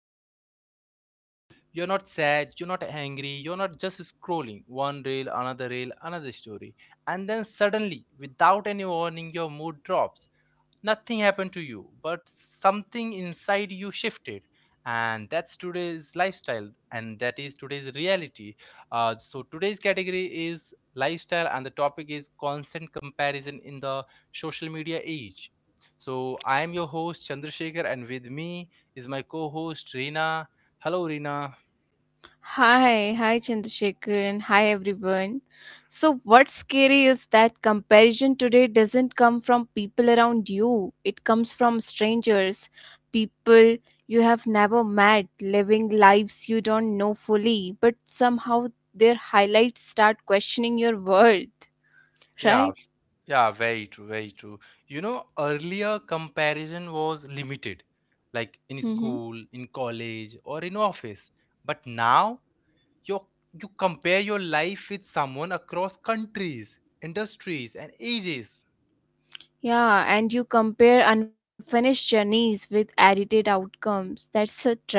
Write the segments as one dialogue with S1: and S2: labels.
S1: moment. Uh, you're not sad, you're not angry, you're not just scrolling one reel, another story. And then suddenly, without any warning, your mood drops. Nothing happened to you, but something inside you shifted. And that's today's lifestyle, and that is today's reality. Today's category is lifestyle, and the topic is constant comparison in the social media age. So, I am your host Chandrasekhar, and with me is my co host Reena. Hello, Reena.
S2: Hi, hi Chandrasekhar, and hi everyone. So, what's scary is that comparison today doesn't come from people around you, it comes from strangers, people you have never met, living lives you don't know fully, but somehow their highlights start questioning your worth,
S1: Yeah.
S2: right?
S1: Yeah, very true, very true. You know, earlier comparison was limited, like in
S2: Mm-hmm.
S1: school, in college, or in office. But now you you compare your life with someone across countries, industries, and ages.
S2: Yeah, and you compare unfinished journeys with edited outcomes. That's a trap.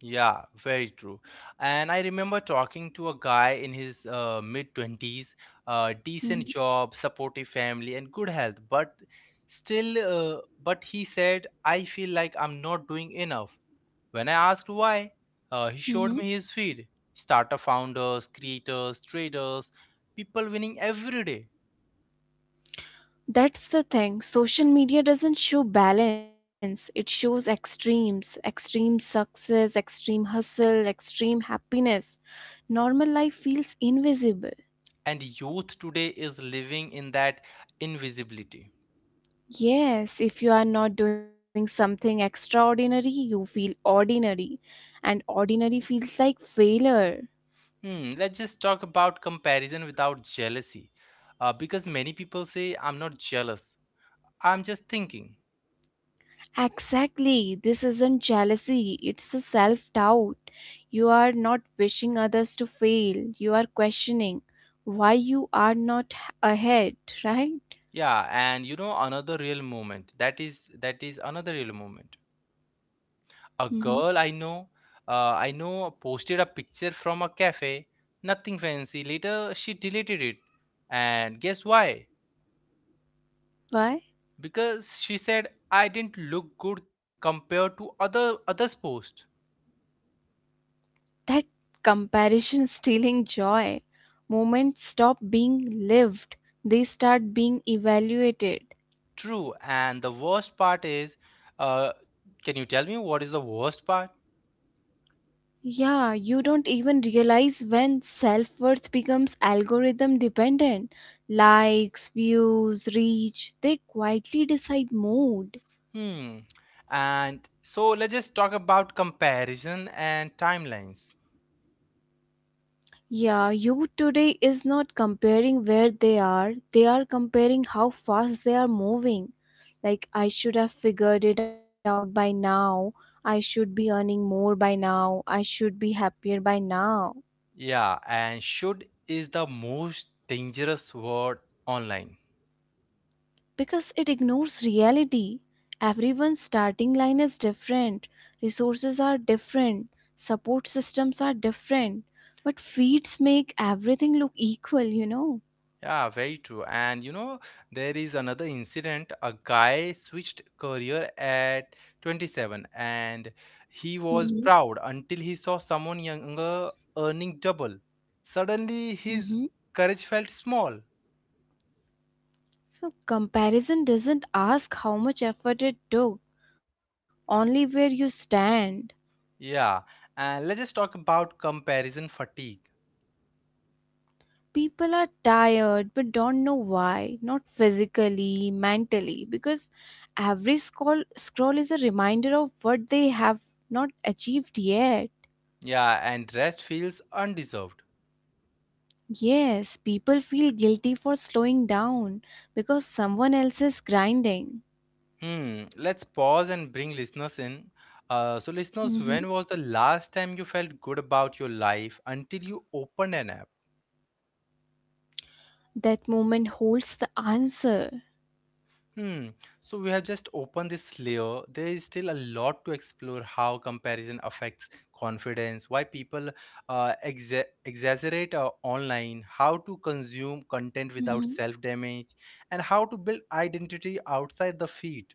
S1: Yeah, very true. And I remember talking to a guy in his mid 20s,
S2: Mm-hmm.
S1: decent job, supportive family, and good health, but still, but he said, I feel like I'm not doing enough. When I asked why, he showed me his feed: startup founders, creators, traders, people winning every day.
S2: That's the thing. Social media doesn't show balance, it shows extreme success, extreme hustle, extreme happiness. Normal life feels invisible.
S1: And youth today is living in that invisibility.
S2: Yes, if you are not doing something extraordinary, you feel ordinary, and ordinary feels like failure.
S1: Hmm, let's just talk about comparison without jealousy. Because many people say, I'm not jealous. I'm just thinking.
S2: Exactly. This isn't jealousy, it's a self doubt. You are not wishing others to fail, you are questioning why you are not ahead, right?
S1: Yeah, and you know, another real moment. That is another real moment.
S2: Hmm.
S1: A girl I know, posted a picture from a cafe, nothing fancy. Later she deleted it. And guess why?
S2: Why?
S1: Because she said I didn't look good compared to other others' post.
S2: That comparison stealing joy. Moments stop being lived, they start being evaluated.
S1: True, and the worst part is, uh, can you tell me what is the worst part?
S2: Yeah, you don't even realize when self worth becomes algorithm dependent. Likes, views, reach, they quietly decide mood.
S1: Hmm. And so let's just talk about comparison and timelines.
S2: Yeah, you today is not comparing where they are comparing how fast they are moving. Like, I should have figured it out by now, I should be earning more by now, I should be happier by now.
S1: Yeah, and should is the most dangerous word online.
S2: Because it ignores reality. Everyone's starting line is different, resources are different, support systems are different, but feeds make everything look equal, you know.
S1: Yeah, very true. And you know, there is another incident. A guy switched career at 27 and he
S2: Hmm.
S1: was proud until he saw someone younger earning double. Suddenly, his
S2: Hmm.
S1: courage felt small.
S2: So, comparison doesn't ask how much effort it took, only where you stand.
S1: Yeah, and let's just talk about comparison fatigue.
S2: People are tired but don't know why, not physically mentally, because every scroll is a reminder of what they have not achieved yet.
S1: Yeah, and rest feels undeserved.
S2: Yes, people feel guilty for slowing down because someone else is grinding.
S1: Hmm, let's pause and bring listeners in. So, listeners,
S2: Mhm.
S1: when was the last time you felt good about your life until you opened an app?
S2: That moment holds the answer.
S1: Hmm. So we have just opened this layer. There is still a lot to explore: how comparison affects confidence, why people exaggerate online, how to consume content without self
S2: Mhm.
S1: damage, and how to build identity outside the feed.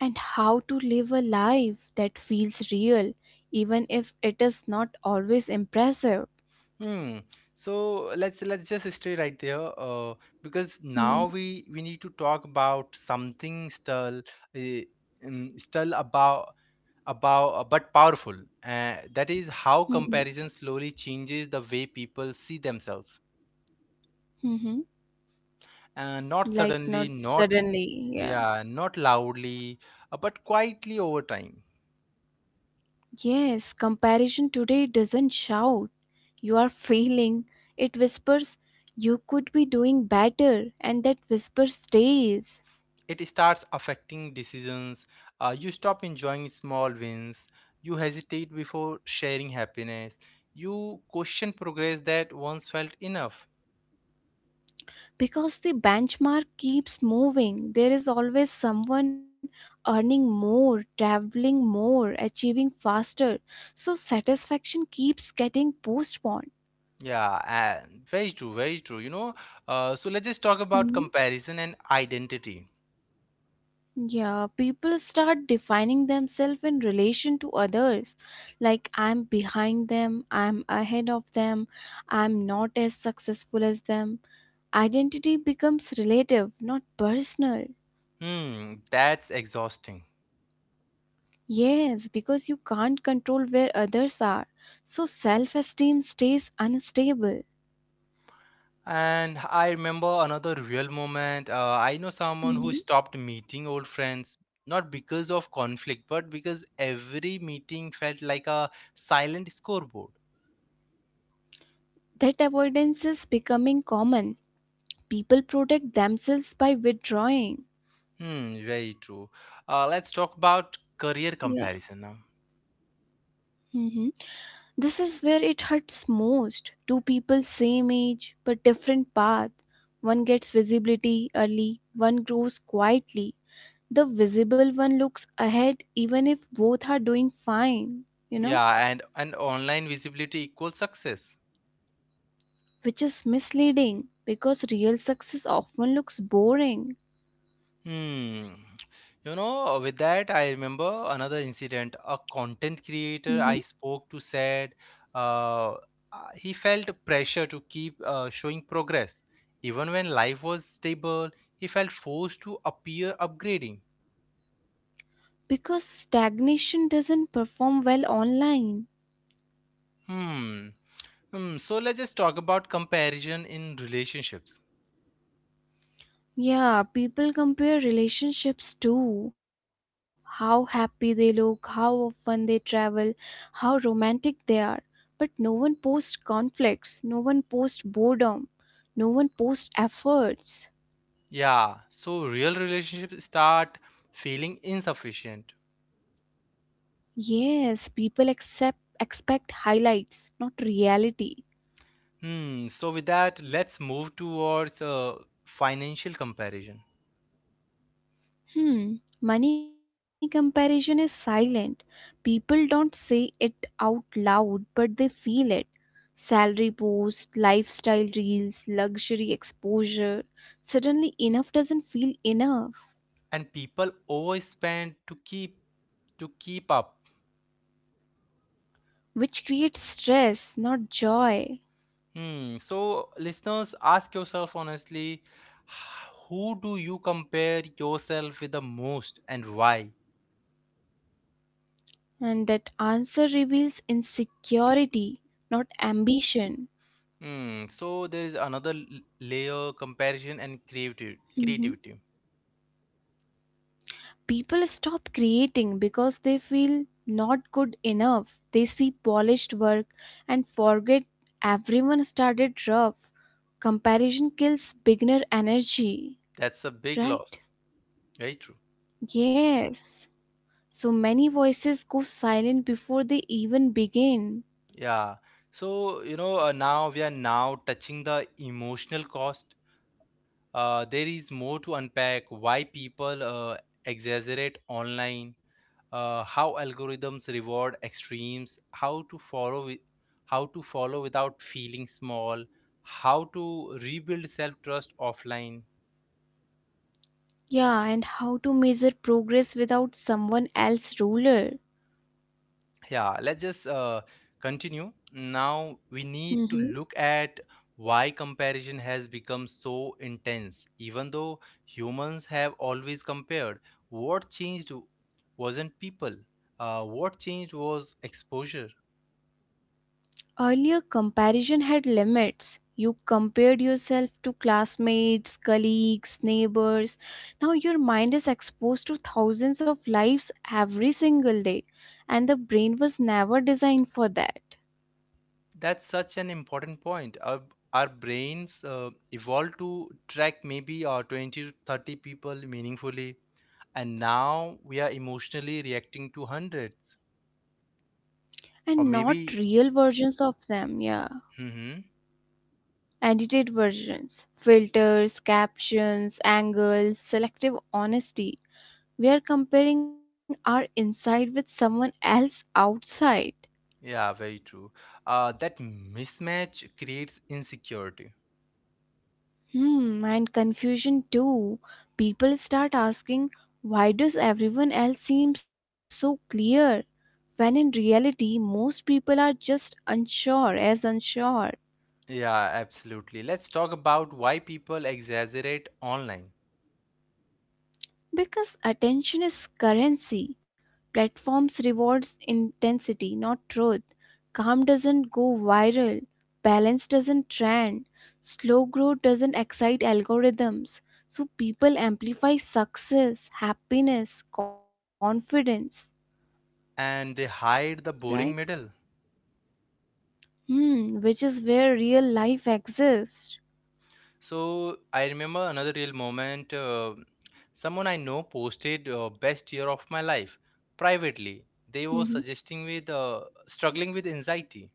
S2: And how to live a life that feels real even if it is not always impressive.
S1: Hmm. So let's just stay right there, because now
S2: Mhm.
S1: we need to talk about something still, uh, still about but powerful, that is how
S2: Mhm.
S1: comparison slowly changes the way people see themselves,
S2: Mhm.
S1: not
S2: Like
S1: suddenly,
S2: not
S1: not,
S2: suddenly, yeah.
S1: yeah, not loudly, but quietly over time.
S2: Yes, comparison today doesn't shout. You are failing. It whispers, you could be doing better, and that whisper stays.
S1: It starts affecting decisions. You stop enjoying small wins, you hesitate before sharing happiness, you question progress that once felt enough.
S2: Because the benchmark keeps moving, there is always someone earning more, traveling more, achieving faster. So satisfaction keeps getting postponed.
S1: Yeah, and very true, very true, you know. So let's just talk about comparison and identity.
S2: Yeah, people start defining themselves in relation to others. Like, I'm behind them, I'm ahead of them, I'm not as successful as them. Identity becomes relative, not personal.
S1: Hmm, that's exhausting.
S2: Yes, because you can't control where others are. So, self esteem stays unstable.
S1: And I remember another real moment. I know someone who
S2: Mhm.
S1: stopped meeting old friends, not because of conflict, but because every meeting felt like a silent scoreboard.
S2: That avoidance is becoming common. People protect themselves by withdrawing.
S1: Hmm, very true. Let's talk about
S2: Yeah.
S1: career comparison now.
S2: Mhm. This is where it hurts most. Two people same age but different path. One gets visibility early, one grows quietly. The visible one looks ahead even if both are doing fine, you know,
S1: Yeah, and, online visibility equals success.
S2: which is misleading because real success often looks boring.
S1: Hmm. You know, with that, I remember another incident. A content creator
S2: Hmm.
S1: I spoke to said uh, he felt pressure to keep showing progress. Even when life was stable, he felt forced to appear upgrading.
S2: Because stagnation doesn't perform well online.
S1: Hmm. Hmm. So let's just talk about comparison in relationships.
S2: Yeah, people compare relationships too. How happy they look, how often they travel, how romantic they are. But no one posts conflicts, no one posts boredom, no one posts efforts.
S1: Yeah. So real relationships start feeling insufficient.
S2: Yes, people accept expect highlights, not reality.
S1: Hmm. So with that, let's move towards financial comparison.
S2: Hmm. Money comparison is silent. People don't say it out loud, but they feel it. Salary post, lifestyle reels, luxury exposure. Suddenly, enough doesn't feel enough,
S1: And people overspend to keep up.
S2: which creates stress, not joy.
S1: Hmm. So listeners, ask yourself honestly, who do you compare yourself with the most and why?
S2: And that answer reveals insecurity, not ambition.
S1: Hmm. So there is another layer: comparison and creative creativity.
S2: People stop creating because they feel not good enough. They see polished work and forget everyone started rough. Comparison kills beginner energy,
S1: That's a big
S2: right?
S1: loss. Very true.
S2: Yes. So many voices go silent before they even begin.
S1: Yeah. So you know, now we are now touching the emotional cost. There is more to unpack: why people exaggerate online, how algorithms reward extremes, how to how to follow without feeling small, how to rebuild self trust offline.
S2: Yeah, and how to measure progress without someone else's ruler.
S1: Yeah, let's just continue. Now we need to
S2: Hmm.
S1: look at why comparison has become so intense. Even though humans have always compared, what changed wasn't people. What changed was exposure.
S2: Earlier comparison had limits. You compared yourself to classmates, colleagues, neighbors. Now your mind is exposed to thousands of lives every single day, and the brain was never designed for that.
S1: That's such an important point. Our brains evolved to track maybe 20 to 30 people meaningfully, and now we are emotionally reacting to hundreds. Or
S2: And not
S1: maybe,
S2: real versions of them, yeah.
S1: hmm.
S2: Edited versions, filters, captions, angles, selective honesty. We are comparing our inside with someone else outside.
S1: Yeah, very true. That mismatch creates insecurity.
S2: Hmm, and confusion too. People start asking, why does everyone else seem so clear? When in reality, most people are just unsure as unsure.
S1: Yeah, absolutely. Let's talk about why people exaggerate online
S2: Because attention is currency. Platforms rewards intensity, not truth. Calm doesn't go viral. Balance doesn't trend. Slow growth doesn't excite algorithms. So people amplify success, happiness, confidence,
S1: and they hide the
S2: right?
S1: boring middle.
S2: Hmm, which is where real life exists.
S1: So I remember another real moment. Someone I know posted, best year of my life, privately. They were
S2: Mhm.
S1: suggesting with, struggling with anxiety.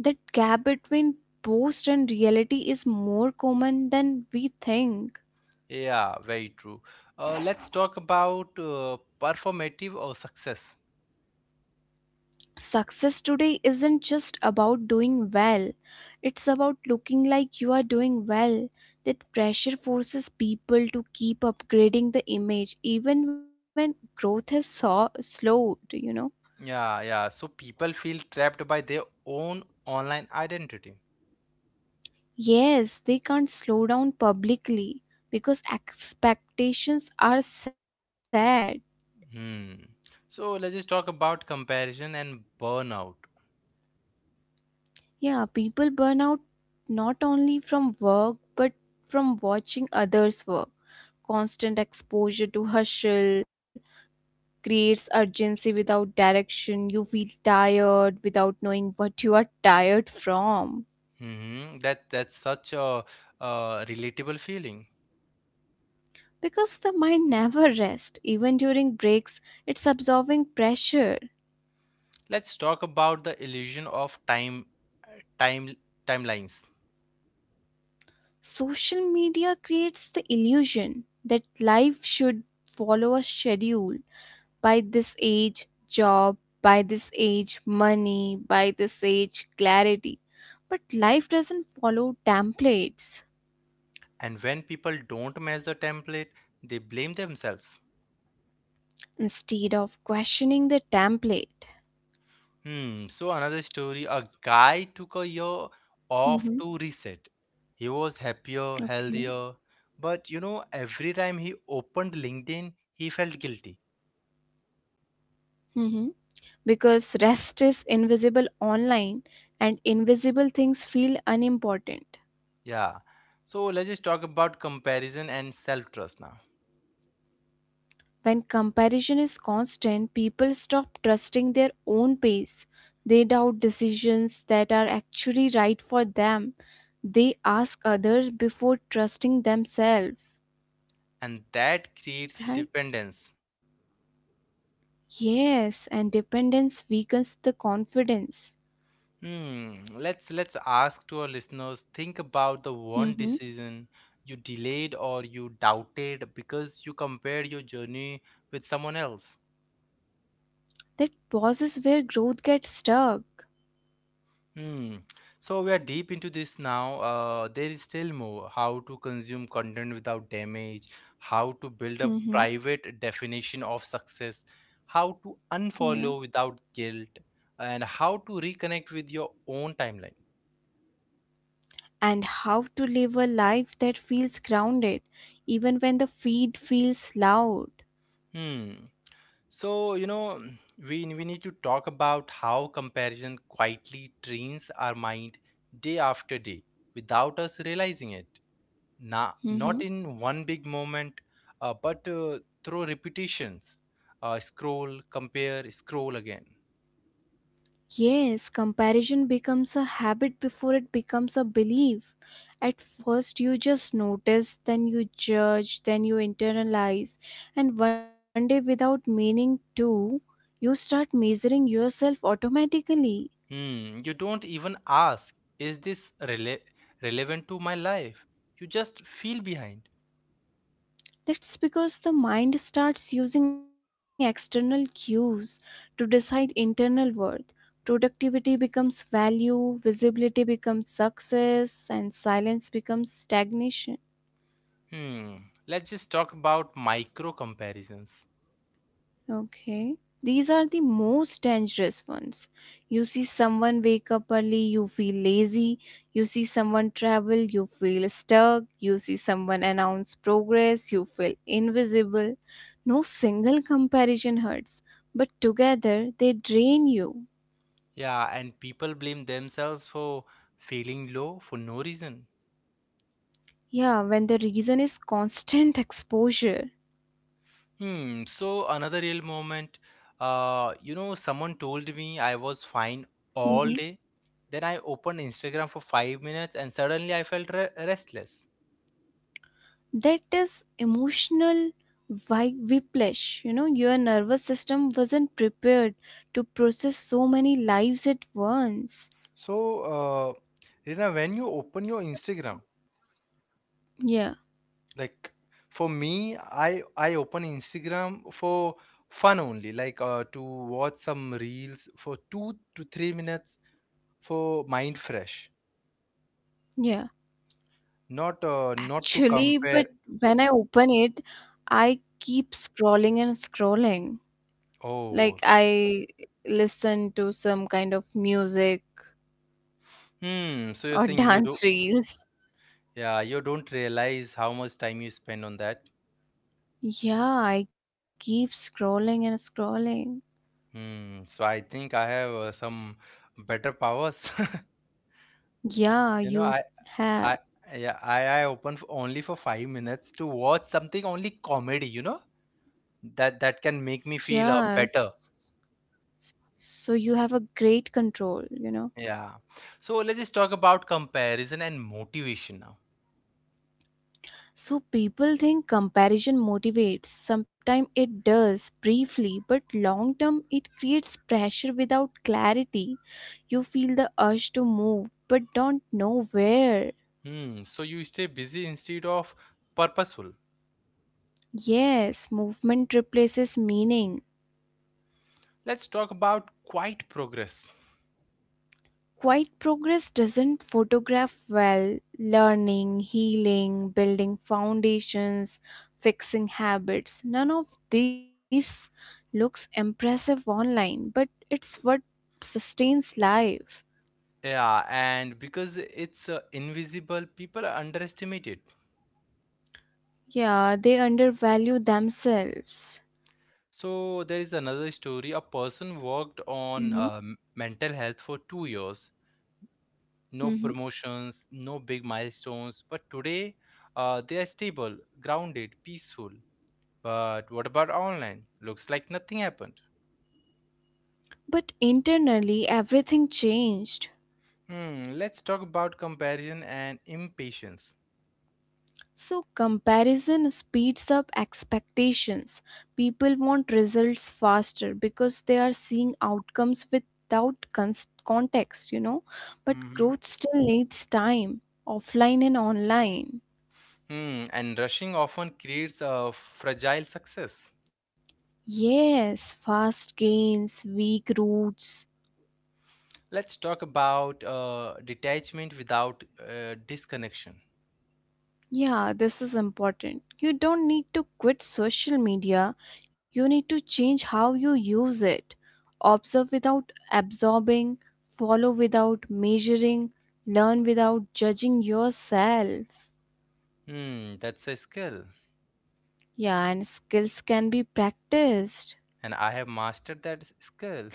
S2: That gap between post and reality is more common than we think.
S1: Yeah, very true. Let's talk about performative or success.
S2: Success today isn't just about doing well, it's about looking like you are doing well. That pressure forces people to keep upgrading the image even when growth has slowed, you know.
S1: Yeah, yeah. So people feel trapped by their own online identity.
S2: Yes, they can't slow down publicly because expectations are set.
S1: Hmm. So let's just talk about comparison and burnout.
S2: Yeah, people burn out not only from work but from watching others work. Constant exposure to hustle creates urgency without direction. You feel tired without knowing what you are tired from.
S1: Hmm. That that's such a relatable feeling.
S2: Because the mind never rests, even during breaks, it's absorbing pressure.
S1: Let's talk about the illusion of uh, time timelines.
S2: Social media creates the illusion that life should follow a schedule, by this age job, by this age money, by this age clarity. But life doesn't follow templates.
S1: And when people don't match the template, they blame themselves.
S2: Instead of questioning the template,
S1: Hmm, so another story, a guy took a year off
S2: mm-hmm.
S1: to reset. He was happier,
S2: Okay.
S1: healthier, but you know, every time he opened LinkedIn, he felt guilty.
S2: Hmm. Because rest is invisible online and invisible things feel unimportant.
S1: Yeah. So let's just talk about comparison and self-trust now.
S2: When comparison is constant, people stop trusting their own pace. They doubt decisions that are actually right for them. They ask others before trusting themselves,
S1: And that creates
S2: right?
S1: dependence.
S2: Yes, and dependence weakens the confidence.
S1: Hmm. Let's ask to our listeners, think about the one
S2: Hmm.
S1: decision you delayed or you doubted because you compared your journey with someone else.
S2: That pauses where growth gets stuck.
S1: Hmm. So we are deep into this now. There is still more. How to consume content without damage, how to build a
S2: Hmm.
S1: private definition of success, how to
S2: Yeah.
S1: unfollow without guilt, and how to reconnect with your own timeline.
S2: And how to live a life that feels grounded, even when the feed feels loud.
S1: Hmm. So, you know, we need to talk about how comparison quietly trains our mind day after day without us realizing it. Not
S2: Mhm.
S1: in one big moment, but through repetitions. Scroll, compare, scroll again.
S2: Yes, comparison becomes a habit before it becomes a belief. At first, you just notice, then you judge, then you internalize, and one day, without meaning to, you start measuring yourself automatically.
S1: Hmm, you don't even ask, is this relevant to my life? You just feel behind.
S2: That's because the mind starts using external cues to decide internal worth. Productivity becomes value, visibility becomes success, and silence becomes stagnation.
S1: Hmm, let's just talk about micro comparisons.
S2: Okay. These are the most dangerous ones. You see someone wake up early, you feel lazy. You see someone travel, you feel stuck. You see someone announce progress, you feel invisible. No single comparison hurts, but together they drain you.
S1: Yeah, and people blame themselves for feeling low for no reason.
S2: Yeah, when the reason is constant exposure.
S1: Hmm, so another real moment. You know, someone told me I was fine all day. Then I opened Instagram for 5 minutes and suddenly I felt restless.
S2: That is emotional whiplash, you know, your nervous system wasn't prepared to process so many lives at once.
S1: So, uh, Rina, when you open your Instagram,
S2: Yeah.
S1: like, for me, I open Instagram for fun only, like to watch some reels for 2 to 3 minutes for mind fresh.
S2: Yeah,
S1: Not to
S2: actually, but
S1: compare.
S2: when I open it, I keep scrolling and scrolling,
S1: Oh,
S2: like I listen to some kind of music
S1: hmm. So you're
S2: or
S1: saying you do,
S2: dance reels.
S1: yeah, you don't realize how much time you spend on that.
S2: Yeah, I keep scrolling and scrolling.
S1: Hmm. So I think I have some better powers.
S2: Yeah,
S1: You know,
S2: you have.
S1: I yeah, I open f only for 5 minutes to watch something only comedy. You know that can make me
S2: Yeah,
S1: feel better.
S2: so you have a great control, you know.
S1: Yeah. So let's just talk about comparison and motivation now.
S2: So people think comparison motivates, sometimes it does briefly, but long term it creates pressure without clarity. You feel the urge to move but don't know where.
S1: Hmm. So you stay busy instead of purposeful.
S2: Yes, movement replaces meaning.
S1: Let's talk about quiet progress.
S2: Quiet progress doesn't photograph well, learning, healing, building foundations, fixing habits. None of these looks impressive online, but it's what sustains life.
S1: Yeah, and because it's invisible, people underestimate it.
S2: Yeah, they undervalue themselves.
S1: So there is another story. A person worked
S2: Hmm.
S1: on mental health for 2 years. No
S2: Hmm.
S1: promotions, no big milestones. But today, they are stable, grounded, peaceful. But what about online? Looks like nothing happened.
S2: But internally, everything changed.
S1: Hmm. Let's talk about comparison and impatience.
S2: So, comparison speeds up expectations. People want results faster because they are seeing outcomes without context, you know. But
S1: Mm-hmm.
S2: growth still needs time, offline and online.
S1: Hmm. And rushing often creates a fragile success.
S2: Yes, fast gains, weak roots.
S1: Let's talk about detachment without disconnection.
S2: Yeah, this is important. You don't need to quit social media, you need to change how you use it. Observe without absorbing, follow without measuring, learn without judging yourself.
S1: Hmm, that's a skill,
S2: Yeah, and skills can be practiced.
S1: and I have mastered that skill.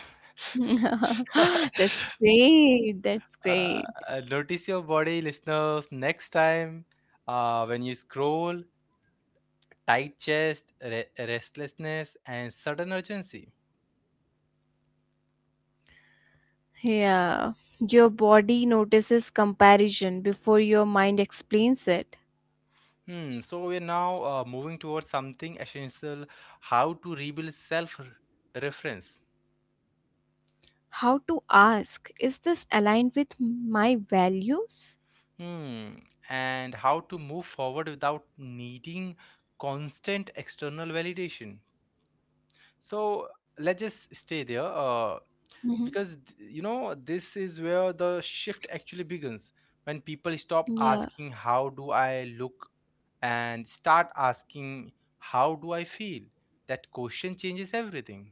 S1: uh,
S2: That's great. That's great.
S1: Notice your body, listeners, next time when you scroll: tight chest, restlessness, and sudden urgency.
S2: Yeah. Your body notices comparison before your mind explains it.
S1: Hmm, so we're now moving towards something essential: how to rebuild self reference.
S2: How to ask, is this aligned with my values?
S1: Hmm. And how to move forward without needing constant external validation. So let's just stay there, uh,
S2: Hmm.
S1: because, th- you know, this is where the shift actually begins, when people stop
S2: Yeah.
S1: asking, How do I look? And start asking, How do I feel? That question changes everything.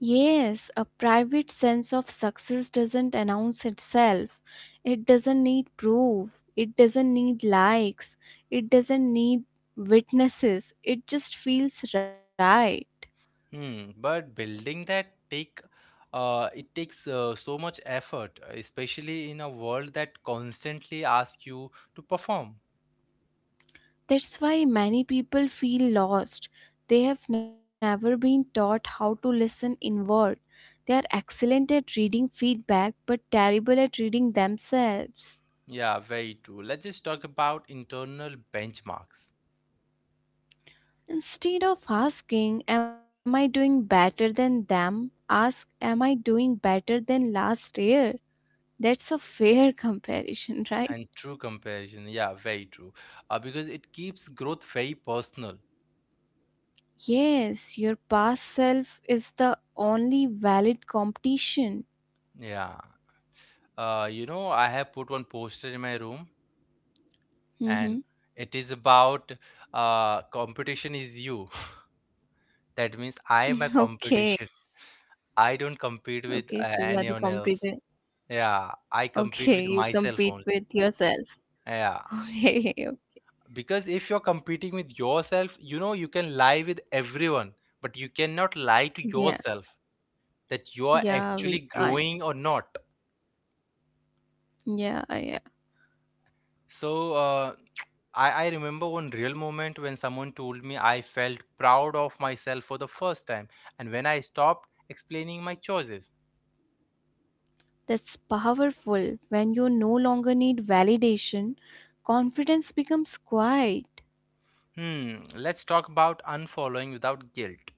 S2: Yes, a private sense of success doesn't announce itself, it doesn't need proof, it doesn't need likes, it doesn't need witnesses, it just feels right.
S1: Hmm, but building that takes so much effort, especially in a world that constantly asks you to perform.
S2: That's why many people feel lost, they have never been taught how to listen inward, they are excellent at reading feedback but terrible at reading themselves.
S1: Yeah, very true. Let's just talk about internal benchmarks
S2: Instead of asking, am I doing better than them? Ask, am I doing better than last year? That's a fair comparison, right?
S1: and true comparison. Yeah, very true. Because it keeps growth very personal.
S2: Yes, your past self is the only valid competition.
S1: Yeah. You know, I have put one poster in my room and
S2: Hmm.
S1: it is about, competition is you. That means I am a
S2: Okay.
S1: competition. I don't compete
S2: Okay,
S1: with
S2: so you are the
S1: anyone
S2: competitor.
S1: else. Yeah, I
S2: Okay,
S1: compete with
S2: you
S1: myself
S2: compete
S1: only.
S2: with yourself.
S1: Yeah,
S2: Okay.
S1: because if you're competing with yourself, you know, you can lie with everyone, but you cannot lie to
S2: Yeah,
S1: yourself that you are
S2: yeah,
S1: actually
S2: we can't.
S1: growing or not.
S2: Yeah, yeah.
S1: So, I remember one real moment when someone told me I felt proud of myself for the first time, and when I stopped explaining my choices.
S2: That's powerful. When you no longer need validation, confidence becomes quiet.
S1: Hmm, let's talk about unfollowing without guilt.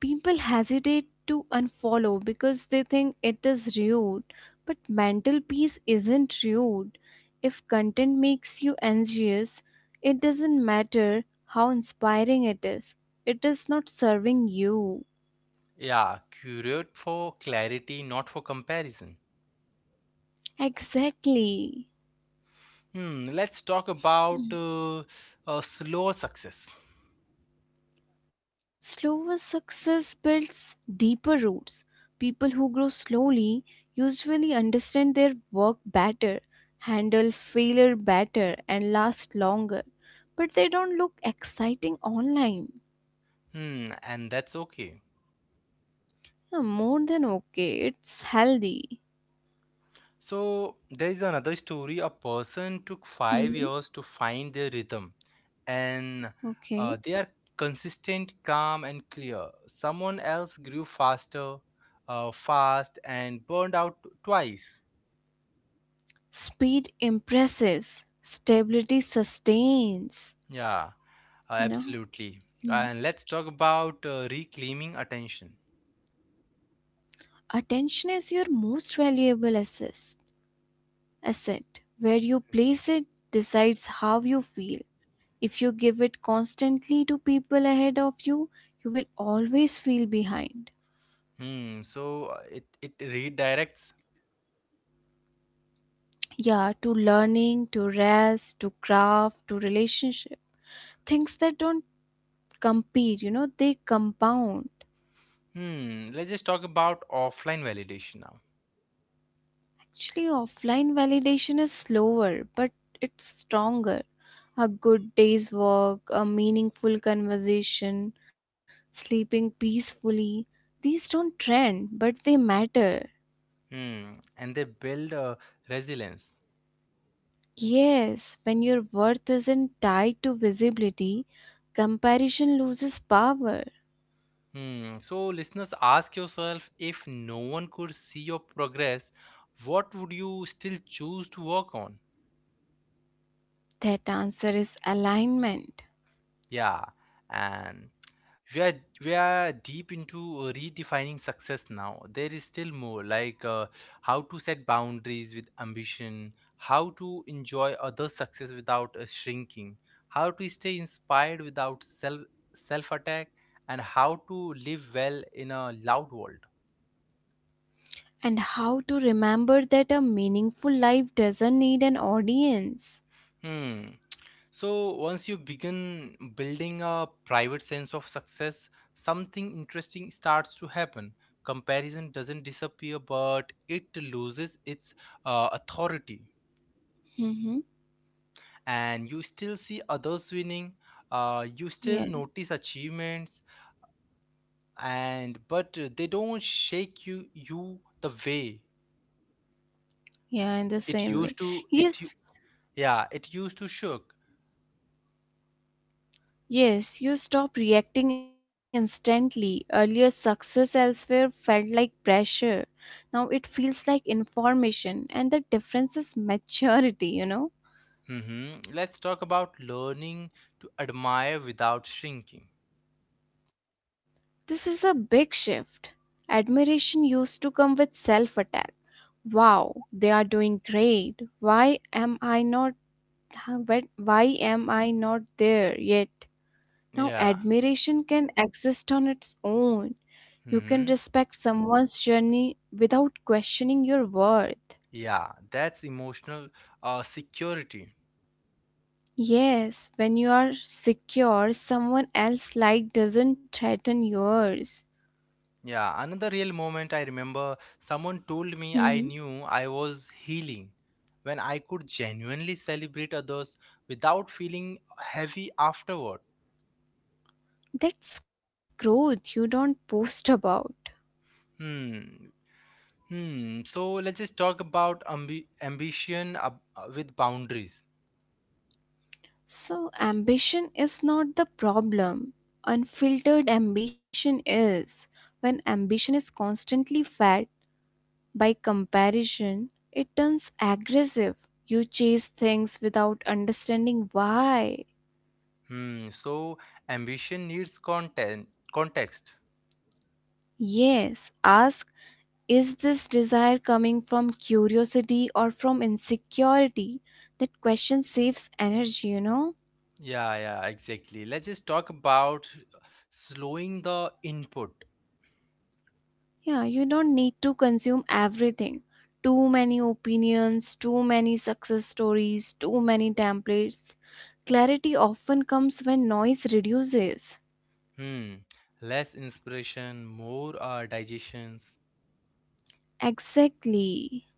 S2: People hesitate to unfollow because they think it is rude. But mental peace isn't rude. If content makes you anxious, it doesn't matter how inspiring it is not serving you.
S1: Yeah, curate for clarity, not for comparison.
S2: Exactly.
S1: Hmm, let's talk about slow success.
S2: Slower success builds deeper roots. People who grow slowly usually understand their work better, handle failure better, and last longer. But they don't look exciting online.
S1: Hmm, and that's okay.
S2: Yeah, more than okay, it's healthy.
S1: So, there is another story, a person took five
S2: Hmm.
S1: years to find their rhythm, and
S2: Okay.
S1: they are consistent, calm, and clear. Someone else grew faster, fast, and burned out twice.
S2: Speed impresses, stability sustains,
S1: Yeah,
S2: you know.
S1: absolutely.
S2: Hmm.
S1: And let's talk about reclaiming attention.
S2: Attention is your most valuable asset. Asset, where you place it, decides how you feel. If you give it constantly to people ahead of you, you will always feel behind.
S1: Hmm. So it redirects.
S2: Yeah, to learning, to rest, to craft, to relationship. Things that don't compete, you know, they compound.
S1: Hmm. Let's just talk about offline validation now.
S2: Actually, offline validation is slower, but it's stronger. A good day's work, a meaningful conversation, sleeping peacefully, these don't trend, but they matter.
S1: Hmm. And they build resilience.
S2: Yes, when your worth isn't tied to visibility, comparison loses power.
S1: Hmm. So listeners, ask yourself, if no one could see your progress, what would you still choose to work on?
S2: That answer is alignment.
S1: Yeah. And we are we are deep into redefining success. Now there is still more, like how to set boundaries with ambition, how to enjoy other success without shrinking, how to stay inspired without self attack, and how to live well in a loud world.
S2: And how to remember that a meaningful life doesn't need an audience.
S1: Hmm. So once you begin building a private sense of success, something interesting starts to happen. Comparison doesn't disappear, but it loses its authority.
S2: Mm-hmm.
S1: And you still see others winning. You still notice achievements, and but uh, they don't shake you the way
S2: Yeah, in the
S1: it
S2: same way.
S1: used to.
S2: Yes,
S1: Yeah, it used to shook.
S2: yes, you stop reacting instantly. Earlier, success elsewhere felt like pressure. Now it feels like information, and the difference is maturity, you know?
S1: Hmm. Let's talk about learning to admire without shrinking.
S2: This is a big shift. Admiration used to come with self attack. Wow, they are doing great. Why am I not there yet? Now,
S1: Yeah.
S2: admiration can exist on its own. You can
S1: Hmm.
S2: respect someone's journey without questioning your worth.
S1: Yeah, that's emotional security.
S2: Yes, when you are secure, someone else's light doesn't threaten yours.
S1: Yeah, another real moment, I remember someone told me, I
S2: Mhm.
S1: knew I was healing when I could genuinely celebrate others without feeling heavy afterward.
S2: That's growth you don't post about.
S1: Hmm. Hmm. So let's just talk about with boundaries.
S2: So, ambition is not the problem. Unfiltered ambition is. When ambition is constantly fed, by comparison, it turns aggressive. You chase things without understanding why.
S1: Hmm. So ambition needs content context.
S2: Yes, ask, is this desire coming from curiosity or from insecurity? That question saves energy, you know?
S1: Yeah, yeah, exactly. Let's just talk about slowing the input.
S2: Yeah, you don't need to consume everything. Too many opinions, too many success stories, too many templates. Clarity often comes when noise reduces.
S1: Hmm. Less inspiration, more digestions.
S2: Exactly.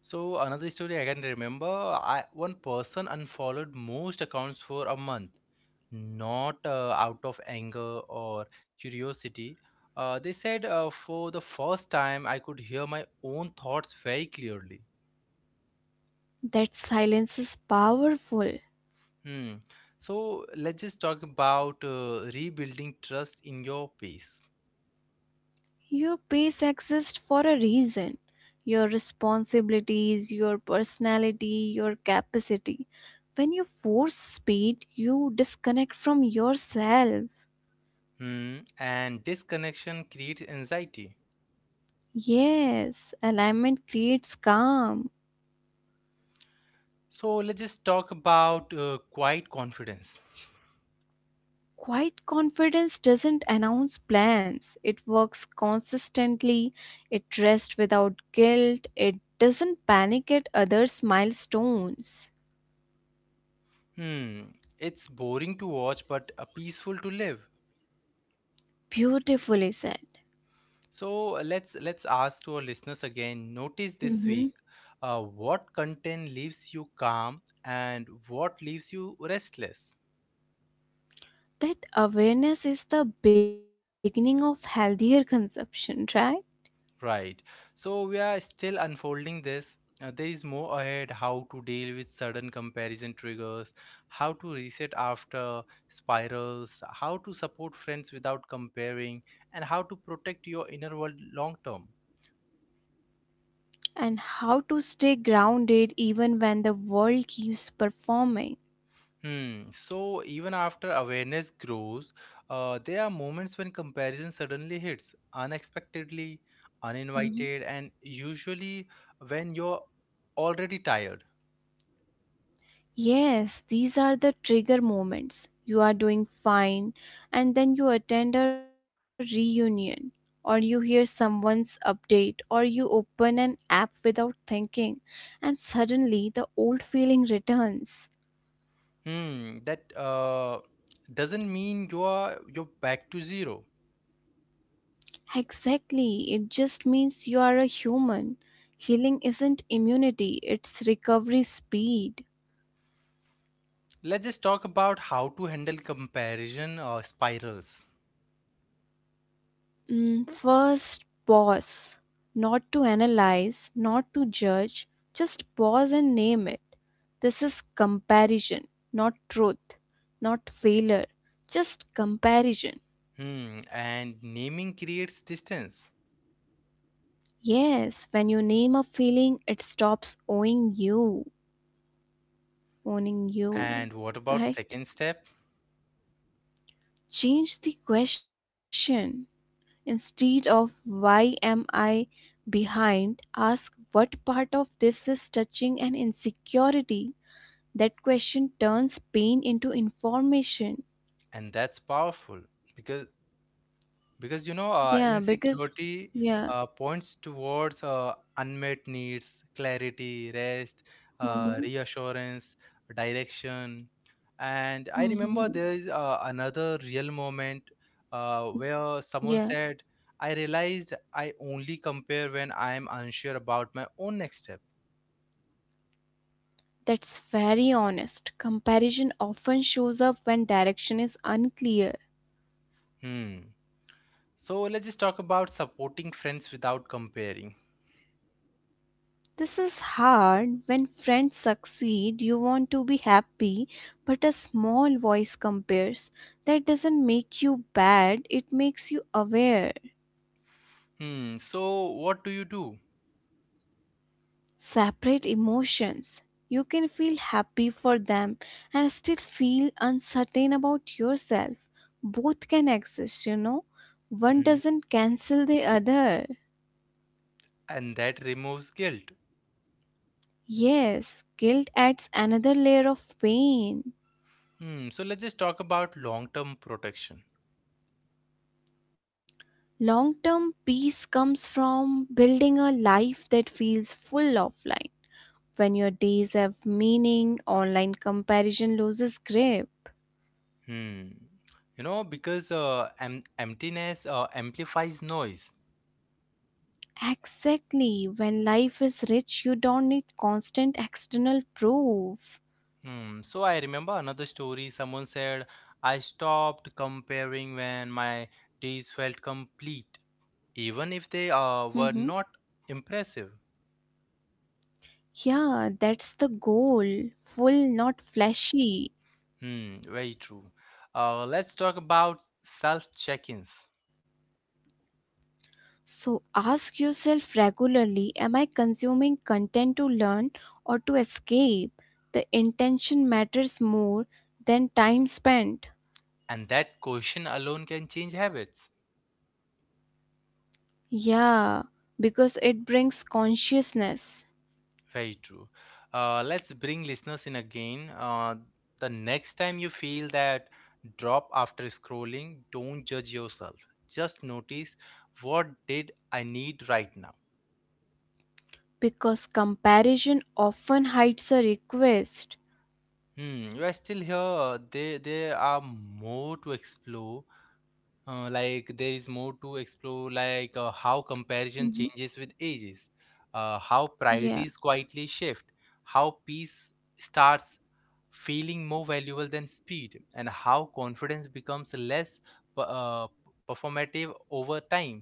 S1: So another story I can remember, I one person unfollowed most accounts for a month, not out of anger or curiosity. They said, for the first time I could hear my own thoughts very clearly.
S2: That silence is powerful.
S1: Hmm. So let's just talk about rebuilding trust in your pace.
S2: Your pace exists for a reason. Your responsibilities, your personality, your capacity. When you force speed, you disconnect from yourself.
S1: Hmm, and disconnection creates anxiety.
S2: Yes, alignment creates calm.
S1: So let's just talk about quiet confidence.
S2: Quiet confidence doesn't announce plans. It works consistently, it rests without guilt, it doesn't panic at others' milestones.
S1: Hmm, it's boring to watch but peaceful to live.
S2: Beautifully said.
S1: So let's ask to our listeners again. Notice this week,
S2: Mhm.
S1: what content leaves you calm and what leaves you restless.
S2: That awareness is the beginning of healthier consumption, right?
S1: Right. So we are still unfolding this. There is more ahead, how to deal with sudden comparison triggers, how to reset after spirals, how to support friends without comparing, and how to protect your inner world long term.
S2: And how to stay grounded even when the world keeps performing.
S1: Hmm. So even after awareness grows, there are moments when comparison suddenly hits, unexpectedly,
S2: Mhm.
S1: uninvited, and usually when you're already tired.
S2: Yes, these are the trigger moments. You are doing fine, and then you attend a reunion, or you hear someone's update, or you open an app without thinking, and suddenly the old feeling returns.
S1: Hmm, that uh, doesn't mean you're back to zero.
S2: Exactly. It just means you are a human. Healing isn't immunity, it's recovery speed.
S1: Let's just talk about how to handle comparison spirals.
S2: Mm, first, pause. Not to analyze, not to judge, just pause and name it. This is comparison, not truth, not failure, just comparison.
S1: Hmm, and naming creates distance.
S2: Yes, when you name a feeling, it stops owning you,
S1: And what about
S2: right?
S1: second step?
S2: Change the question. Instead of why am I behind, ask what part of this is touching an insecurity. That question turns pain into information.
S1: And that's powerful because because you know,
S2: Yeah, because,
S1: insecurity
S2: yeah.
S1: points towards unmet needs, clarity, rest,
S2: Hmm.
S1: reassurance, direction. And I remember there
S2: Hmm.
S1: is another real moment where
S2: Yeah,
S1: someone said, I realized I only compare when I am unsure about my own next step.
S2: that's very honest. Comparison often shows up when direction is unclear.
S1: Hmm. So let's just talk about supporting friends without comparing.
S2: This is hard. When friends succeed, you want to be happy, but a small voice compares. That doesn't make you bad, it makes you aware.
S1: Hmm, so what do you do?
S2: Separate emotions. You can feel happy for them and still feel uncertain about yourself. Both can exist, you know. One
S1: Hmm.
S2: doesn't cancel the other.
S1: And that removes guilt.
S2: Yes, guilt adds another layer of pain.
S1: Hmm. So let's just talk about long-term protection.
S2: Long term peace comes from building a life that feels full offline. When your days have meaning, online comparison loses grip.
S1: Hmm. You know, because emptiness amplifies noise.
S2: Exactly. When life is rich, you don't need constant external proof.
S1: Hmm. So I remember another story. Someone said, "I stopped comparing when my days felt complete, even if they
S2: Hmm.
S1: were not impressive."
S2: Yeah, that's the goal. Full, not flashy.
S1: Hmm. Very true. Let's talk about self-check-ins,
S2: So ask yourself regularly, am I consuming content to learn or to escape? The intention matters more than time spent.
S1: and that question alone can change habits.
S2: Yeah, because it brings consciousness.
S1: Very true. Let's bring listeners in again. The next time you feel that drop after scrolling, don't judge yourself. Just notice, what did I need right now.
S2: Because comparison often hides a request.
S1: Hmm, you are still here. There are more to explore. Like there is more to explore like How
S2: Mhm.
S1: comparison changes with ages, how
S2: Yeah.
S1: priorities quietly shift, how peace starts feeling more valuable than speed, and how confidence becomes less p- uh, performative over time.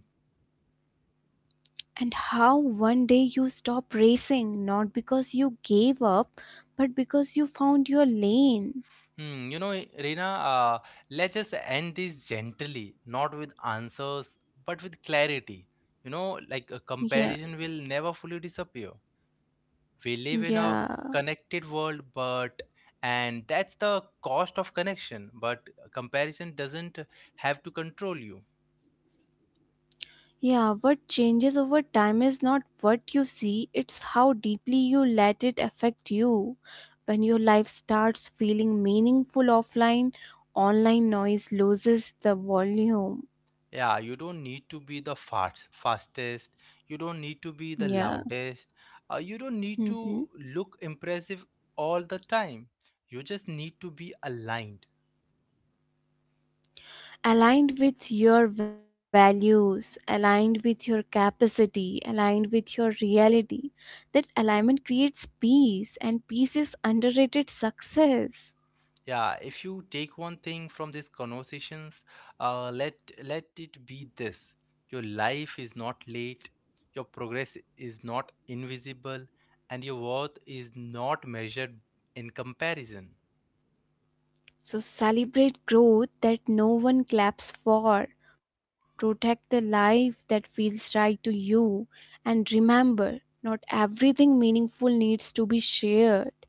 S2: And how one day you stop racing, not because you gave up, but because you found your lane.
S1: Hmm, you know Reena, let's just end this gently, not with answers but with clarity. You know, like a
S2: Yeah,
S1: comparison will never fully disappear, we live in a
S2: yeah.
S1: connected world, but and that's the cost of connection, but comparison doesn't have to control you.
S2: Yeah, what changes over time is not what you see, it's how deeply you let it affect you. When your life starts feeling meaningful offline, online noise loses the volume.
S1: Yeah, you don't need to be the fastest, you don't need to be the
S2: Yeah.
S1: loudest, you don't need
S2: Hmm.
S1: to look impressive all the time, you just need to be aligned.
S2: Aligned with your values, aligned with your capacity, aligned with your reality. That alignment creates peace, and peace is underrated success.
S1: Yeah, if you take one thing from these conversations, uh, let let it be this: your life is not late, your progress is not invisible, and your worth is not measured in comparison.
S2: So celebrate growth that no one claps for. Protect the life that feels right to you. And remember, not everything meaningful needs to be shared.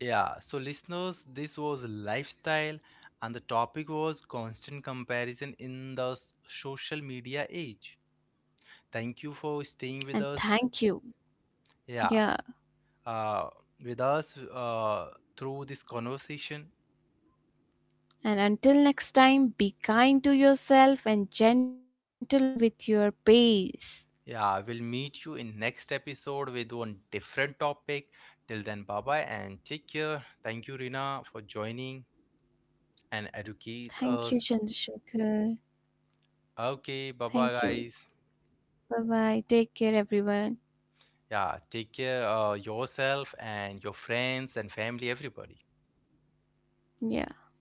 S1: Yeah. So, listeners, this was lifestyle, and the topic was constant comparison in the social media age. Thank you for
S2: And
S1: staying with
S2: thank
S1: us.
S2: you. Yeah.
S1: Yeah, uh, with us through this conversation.
S2: And until next time, be kind to yourself and gentle with your pace.
S1: Yeah, we'll meet you in next episode with one different topic. Till then, bye bye, and take care. Thank you, Rina, for joining and educate
S2: Thank you,
S1: us.
S2: Chandrasekhar.
S1: Okay, bye bye,
S2: Thank you.
S1: guys.
S2: Bye bye. Take care, everyone.
S1: Yeah, take care yourself and your friends and family, everybody.
S2: Yeah.